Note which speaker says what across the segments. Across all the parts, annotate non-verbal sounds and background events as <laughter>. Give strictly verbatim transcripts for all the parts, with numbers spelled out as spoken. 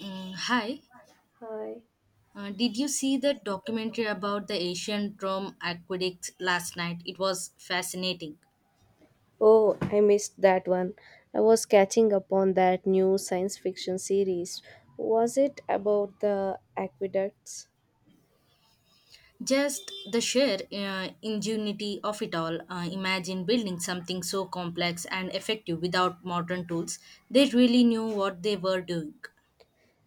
Speaker 1: Mm, hi.
Speaker 2: Hi.
Speaker 1: Uh, did you see that documentary about the ancient Rome aqueducts last night? It was fascinating.
Speaker 2: Oh, I missed that one. I was catching up on that new science fiction series. Was it about the aqueducts?
Speaker 1: Just the sheer uh, ingenuity of it all. Uh, imagine building something so complex and effective without modern tools. They really knew what they were doing.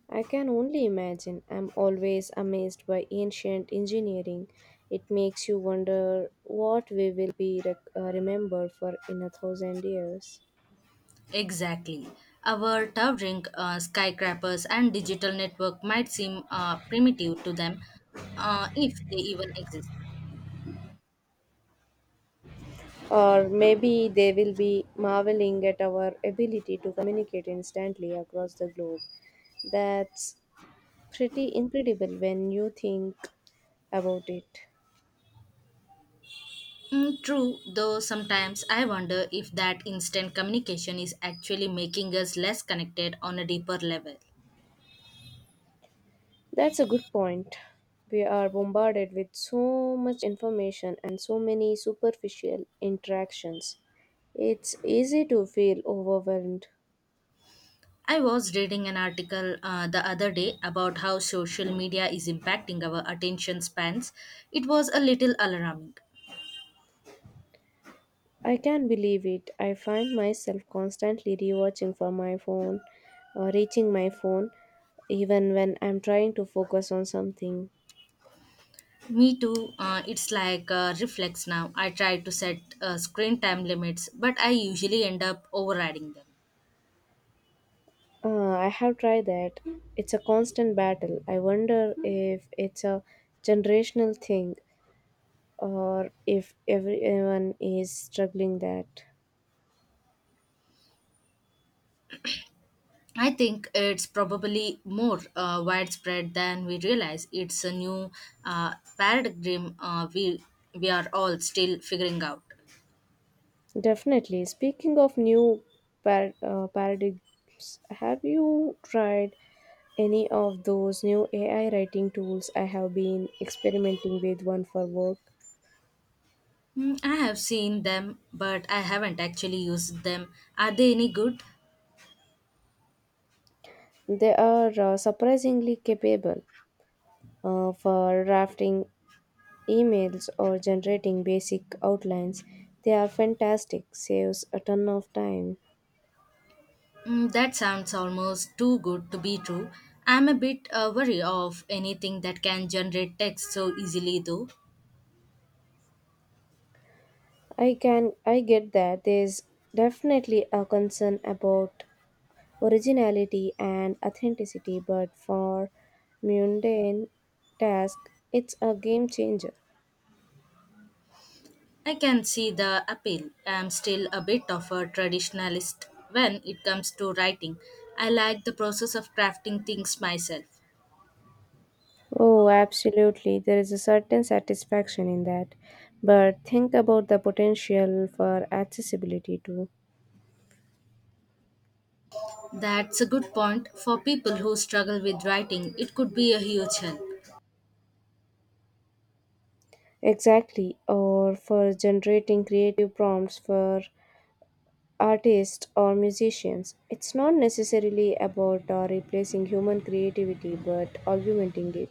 Speaker 2: I can only imagine. I'm always amazed by ancient engineering. It makes you wonder what we will be rec- uh, remembered for in a thousand years.
Speaker 1: Exactly. Our towering uh, skyscrapers and digital network might seem uh, primitive to them uh, if they even exist.
Speaker 2: Or maybe they will be marveling at our ability to communicate instantly across the globe. That's pretty incredible when you think about it.
Speaker 1: Mm, true, though sometimes I wonder if that instant communication is actually making us less connected on a deeper level.
Speaker 2: That's a good point. We are bombarded with so much information and so many superficial interactions. It's easy to feel overwhelmed.
Speaker 1: I was reading an article uh, the other day about how social media is impacting our attention spans. It was a little alarming.
Speaker 2: I can't believe it. I find myself constantly rewatching for my phone or reaching my phone even when I'm trying to focus on something.
Speaker 1: Me too, uh, it's like a reflex now. I try to set uh, screen time limits, but I usually end up overriding them.
Speaker 2: Uh, I have tried that. It's a constant battle. I wonder if it's a generational thing or if everyone is struggling that
Speaker 1: I think it's probably more uh, widespread than we realize. It's a new uh, paradigm uh, we we are all still figuring out.
Speaker 2: definitely speaking of new par- uh, paradigms. Have you tried any of those new A I writing tools? I have been experimenting with one for work.
Speaker 1: Mm, I have seen them, but I haven't actually used them. Are they any good?
Speaker 2: They are uh, surprisingly capable, uh, for drafting emails or generating basic outlines. They are fantastic. Saves a ton of time.
Speaker 1: Mm, that sounds almost too good to be true. I'm a bit uh, worried of anything that can generate text so easily, though.
Speaker 2: I can I get that. There's definitely a concern about originality and authenticity, but for mundane task, it's a game changer.
Speaker 1: I can see the appeal. I'm still a bit of a traditionalist when it comes to writing. I like the process of crafting things myself.
Speaker 2: Oh, absolutely. There is a certain satisfaction in that. But think about the potential for accessibility too.
Speaker 1: That's a good point. For people who struggle with writing, it could be a huge help.
Speaker 2: Exactly, or for generating creative prompts for artists or musicians. It's not necessarily about uh, replacing human creativity but augmenting it.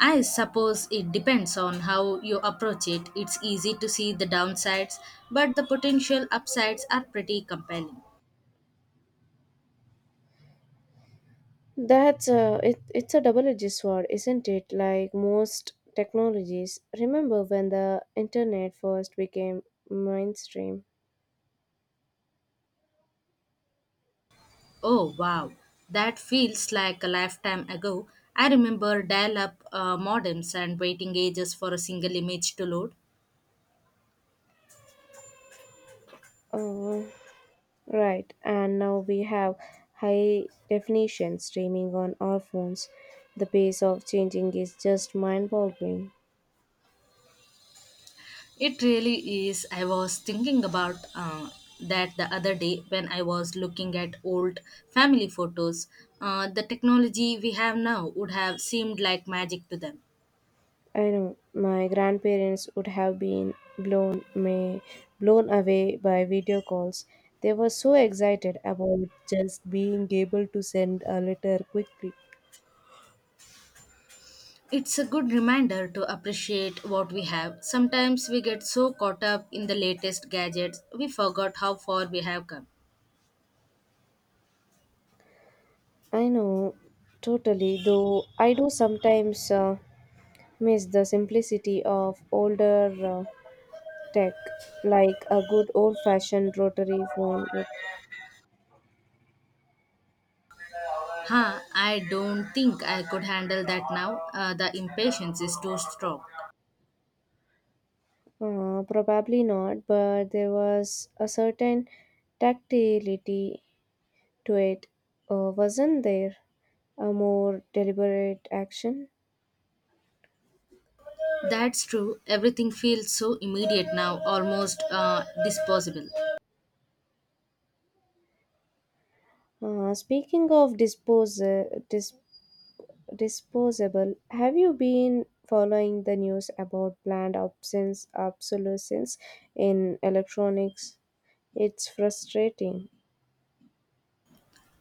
Speaker 1: I suppose it depends on how you approach it. It's easy to see the downsides, but the potential upsides are pretty compelling.
Speaker 2: That's a, it, it's a double-edged sword, isn't it? Like most technologies. Remember when the internet first became mainstream?
Speaker 1: Oh, wow. That feels like a lifetime ago. I remember dial up uh, modems and waiting ages for a single image to load.
Speaker 2: Oh, right. And now we have high definition streaming on our phones. The pace of changing is just mind-boggling.
Speaker 1: It really is. I was thinking about uh, that the other day when I was looking at old family photos. Uh, the technology we have now would have seemed like magic to them.
Speaker 2: I know my grandparents would have been blown may blown away by video calls. They were so excited about just being able to send a letter quickly.
Speaker 1: It's a good reminder to appreciate what we have. Sometimes we get so caught up in the latest gadgets, we forgot how far we have come.
Speaker 2: I know, totally. Though I do sometimes uh, miss the simplicity of older uh, tech, like a good old fashioned rotary phone.
Speaker 1: Huh, I don't think I could handle that now. Uh, the impatience is too strong.
Speaker 2: Uh, probably not, but there was a certain tactility to it. Uh, wasn't there a more deliberate action?
Speaker 1: That's true. Everything feels so immediate now, almost uh, disposable.
Speaker 2: Uh, speaking of dispose, dis- disposable, have you been following the news about planned obsolescence, obsolescence in electronics? It's frustrating.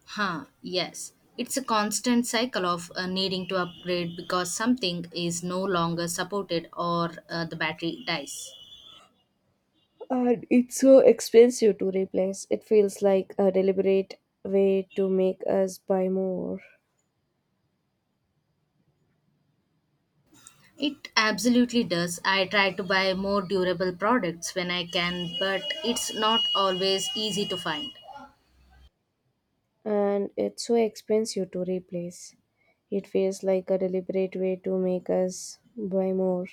Speaker 1: Huh, yes. It's a constant cycle of uh, needing to upgrade because something is no longer supported or uh, the battery dies.
Speaker 2: And it's so expensive to replace. It feels like a deliberate way to make us buy more.
Speaker 1: It absolutely does. I try to buy more durable products when I can, but it's not always easy to find.
Speaker 2: And it's so expensive to replace. It feels like a deliberate way to make us buy more.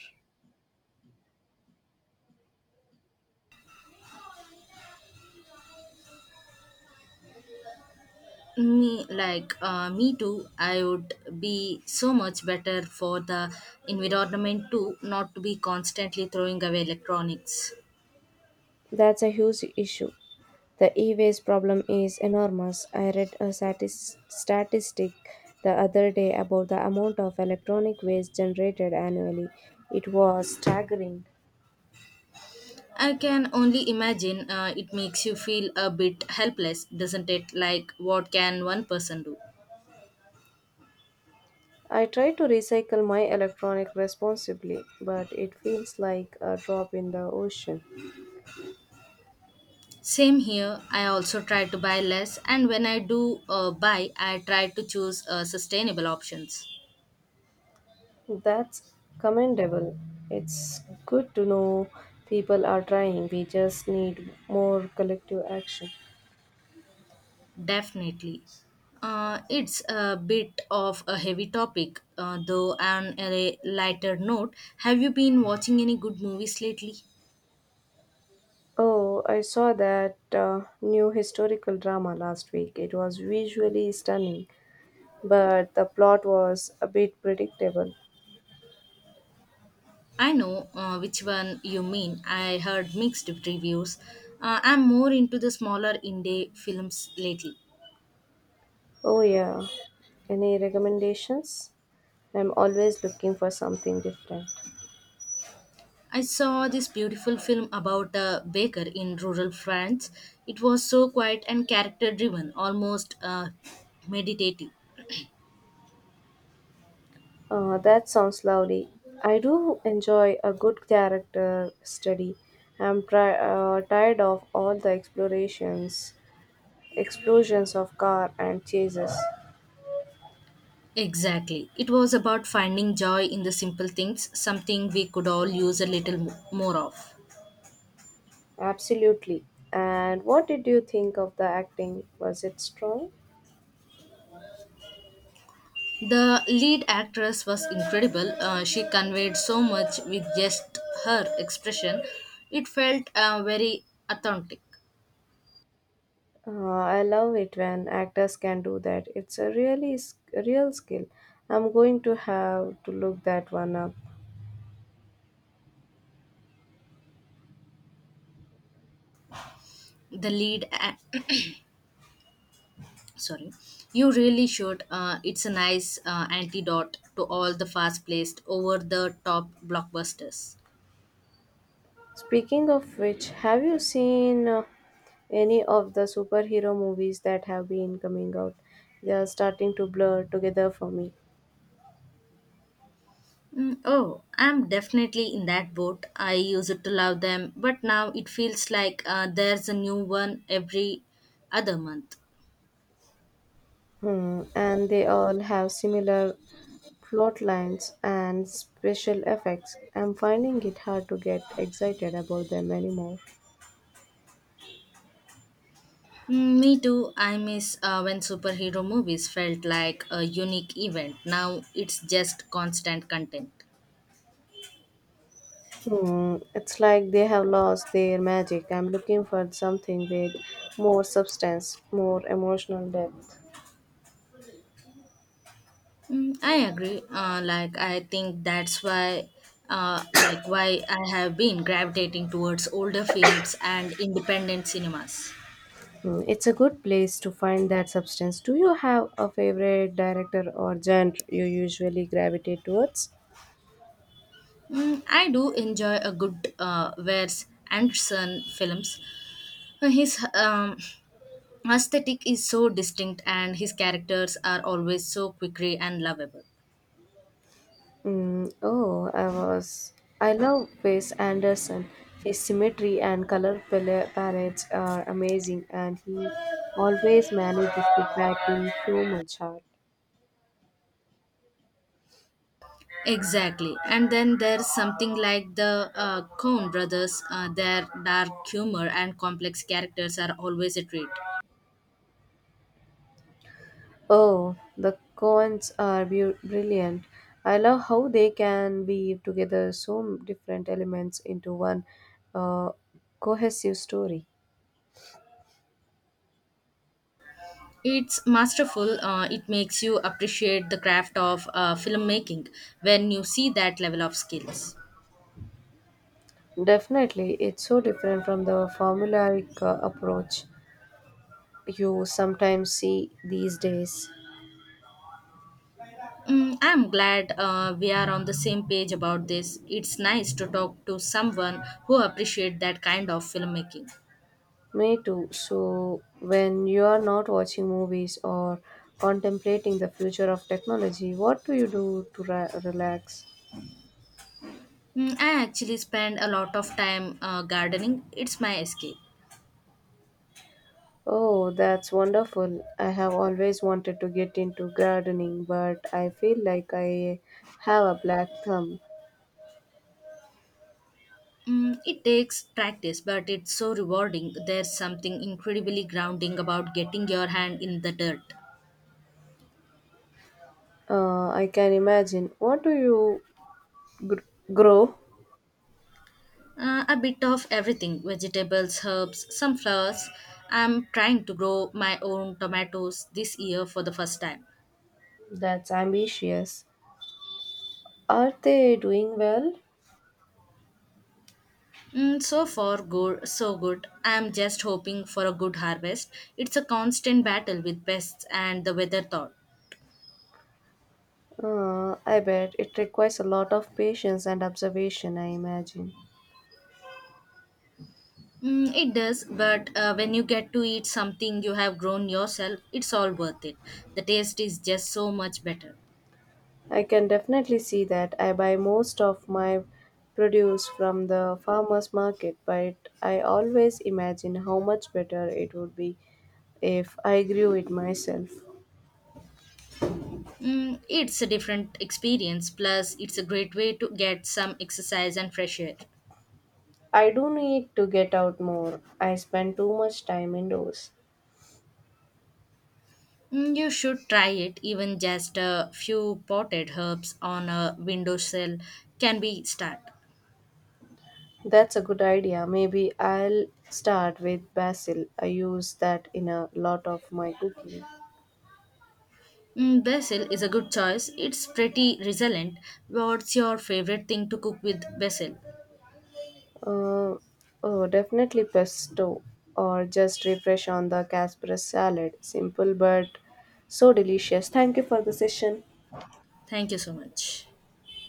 Speaker 1: Me like uh, me too. I would be so much better for the environment too, not to be constantly throwing away electronics.
Speaker 2: That's a huge issue. The e waste problem is enormous. I read a satis- statistic the other day about the amount of electronic waste generated annually. It was staggering.
Speaker 1: I can only imagine uh, it makes you feel a bit helpless, doesn't it? Like what can one person do?
Speaker 2: I try to recycle my electronic responsibly, but it feels like a drop in the ocean.
Speaker 1: Same here. I also try to buy less, and when I do uh, buy, I try to choose uh, sustainable options.
Speaker 2: That's commendable. It's good to know people are trying. We just need more collective action.
Speaker 1: Definitely. Uh, it's a bit of a heavy topic, uh, though, on a lighter note. Have you been watching any good movies lately?
Speaker 2: Oh, I saw that uh, new historical drama last week. It was visually stunning, but the plot was a bit predictable.
Speaker 1: I know uh, which one you mean. I heard mixed reviews. Uh, I'm more into the smaller indie films lately.
Speaker 2: Oh, yeah. Any recommendations? I'm always looking for something different.
Speaker 1: I saw this beautiful film about a baker in rural France. It was so quiet and character driven, almost uh, meditative.
Speaker 2: Uh, that sounds lovely. I do enjoy a good character study. I'm tri- uh, tired of all the explorations, explosions of car and chases.
Speaker 1: Exactly. It was about finding joy in the simple things, something we could all use a little mo- more of.
Speaker 2: Absolutely. And what did you think of the acting? Was it strong?
Speaker 1: The lead actress was incredible. Uh, she conveyed so much with just her expression. It felt uh, very authentic.
Speaker 2: Uh, I love it when actors can do that. It's a really s- a real skill. I'm going to have to look that one up.
Speaker 1: The lead, a- <coughs> <clears throat> sorry, you really should. Uh, it's a nice uh, antidote to all the fast-paced, over-the-top blockbusters.
Speaker 2: Speaking of which, have you seen uh, any of the superhero movies that have been coming out? They are starting to blur together for me.
Speaker 1: Mm, oh, I'm definitely in that boat. I used to love them, but now it feels like uh, there's a new one every other month.
Speaker 2: Hmm. And they all have similar plot lines and special effects. I'm finding it hard to get excited about them anymore.
Speaker 1: Mm, me too. I miss uh, when superhero movies felt like a unique event. Now it's just constant content.
Speaker 2: Hmm. It's like they have lost their magic. I'm looking for something with more substance, more emotional depth.
Speaker 1: Mm, I agree. Uh, like I think that's why, uh, like why I have been gravitating towards older films and independent cinemas.
Speaker 2: Mm, it's a good place to find that substance. Do you have a favorite director or genre you usually gravitate towards?
Speaker 1: Mm, I do enjoy a good uh, Wes Anderson films. His um, aesthetic is so distinct, and his characters are always so quickly and lovable.
Speaker 2: Mm, oh, I was. I love Wes Anderson. His symmetry and color pal- palettes are amazing, and he always manages to pack in so much art.
Speaker 1: Exactly, and then there's something like the uh, Coen brothers. Uh, their dark humor and complex characters are always a treat.
Speaker 2: Oh, the Coens are beau- brilliant. I love how they can weave together so m- different elements into one uh, cohesive story.
Speaker 1: It's masterful. Uh, it makes you appreciate the craft of uh, filmmaking when you see that level of skills.
Speaker 2: Definitely, it's so different from the formulaic uh, approach you sometimes see these days.
Speaker 1: Mm, I'm glad uh, we are on the same page about this. It's nice to talk to someone who appreciates that kind of filmmaking.
Speaker 2: Me too. So, when you are not watching movies or contemplating the future of technology, what do you do to ra- relax?
Speaker 1: Mm, I actually spend a lot of time uh, gardening. It's my escape.
Speaker 2: Oh, that's wonderful. I have always wanted to get into gardening, but I feel like I have a black thumb.
Speaker 1: Mm, it takes practice, but it's so rewarding. There's something incredibly grounding about getting your hand in the dirt.
Speaker 2: Uh, I can imagine. What do you gr- grow?
Speaker 1: Uh, a bit of everything vegetables, herbs, some flowers. I'm trying to grow my own tomatoes this year for the first time.
Speaker 2: That's ambitious. Are they doing well?
Speaker 1: Mm, so far, good, so good. I'm just hoping for a good harvest. It's a constant battle with pests and the weather thought.
Speaker 2: Uh, I bet it requires a lot of patience and observation, I imagine.
Speaker 1: Mm, it does, but uh, when you get to eat something you have grown yourself, it's all worth it. The taste is just so much better.
Speaker 2: I can definitely see that. I buy most of my produce from the farmers market, but I always imagine how much better it would be if I grew it myself.
Speaker 1: Mm, it's a different experience, plus, it's a great way to get some exercise and fresh air.
Speaker 2: I do need to get out more. I spend too much time indoors.
Speaker 1: Mm, You should try it. Even just a few potted herbs on a windowsill can be start.
Speaker 2: That's a good idea. Maybe I'll start with basil. I use that in a lot of my cooking.
Speaker 1: Mm, basil is a good choice. It's pretty resilient. What's your favorite thing to cook with basil?
Speaker 2: Uh, oh, definitely pesto or just refresh on the Casper salad. Simple but so delicious. Thank you for the session.
Speaker 1: Thank you so much.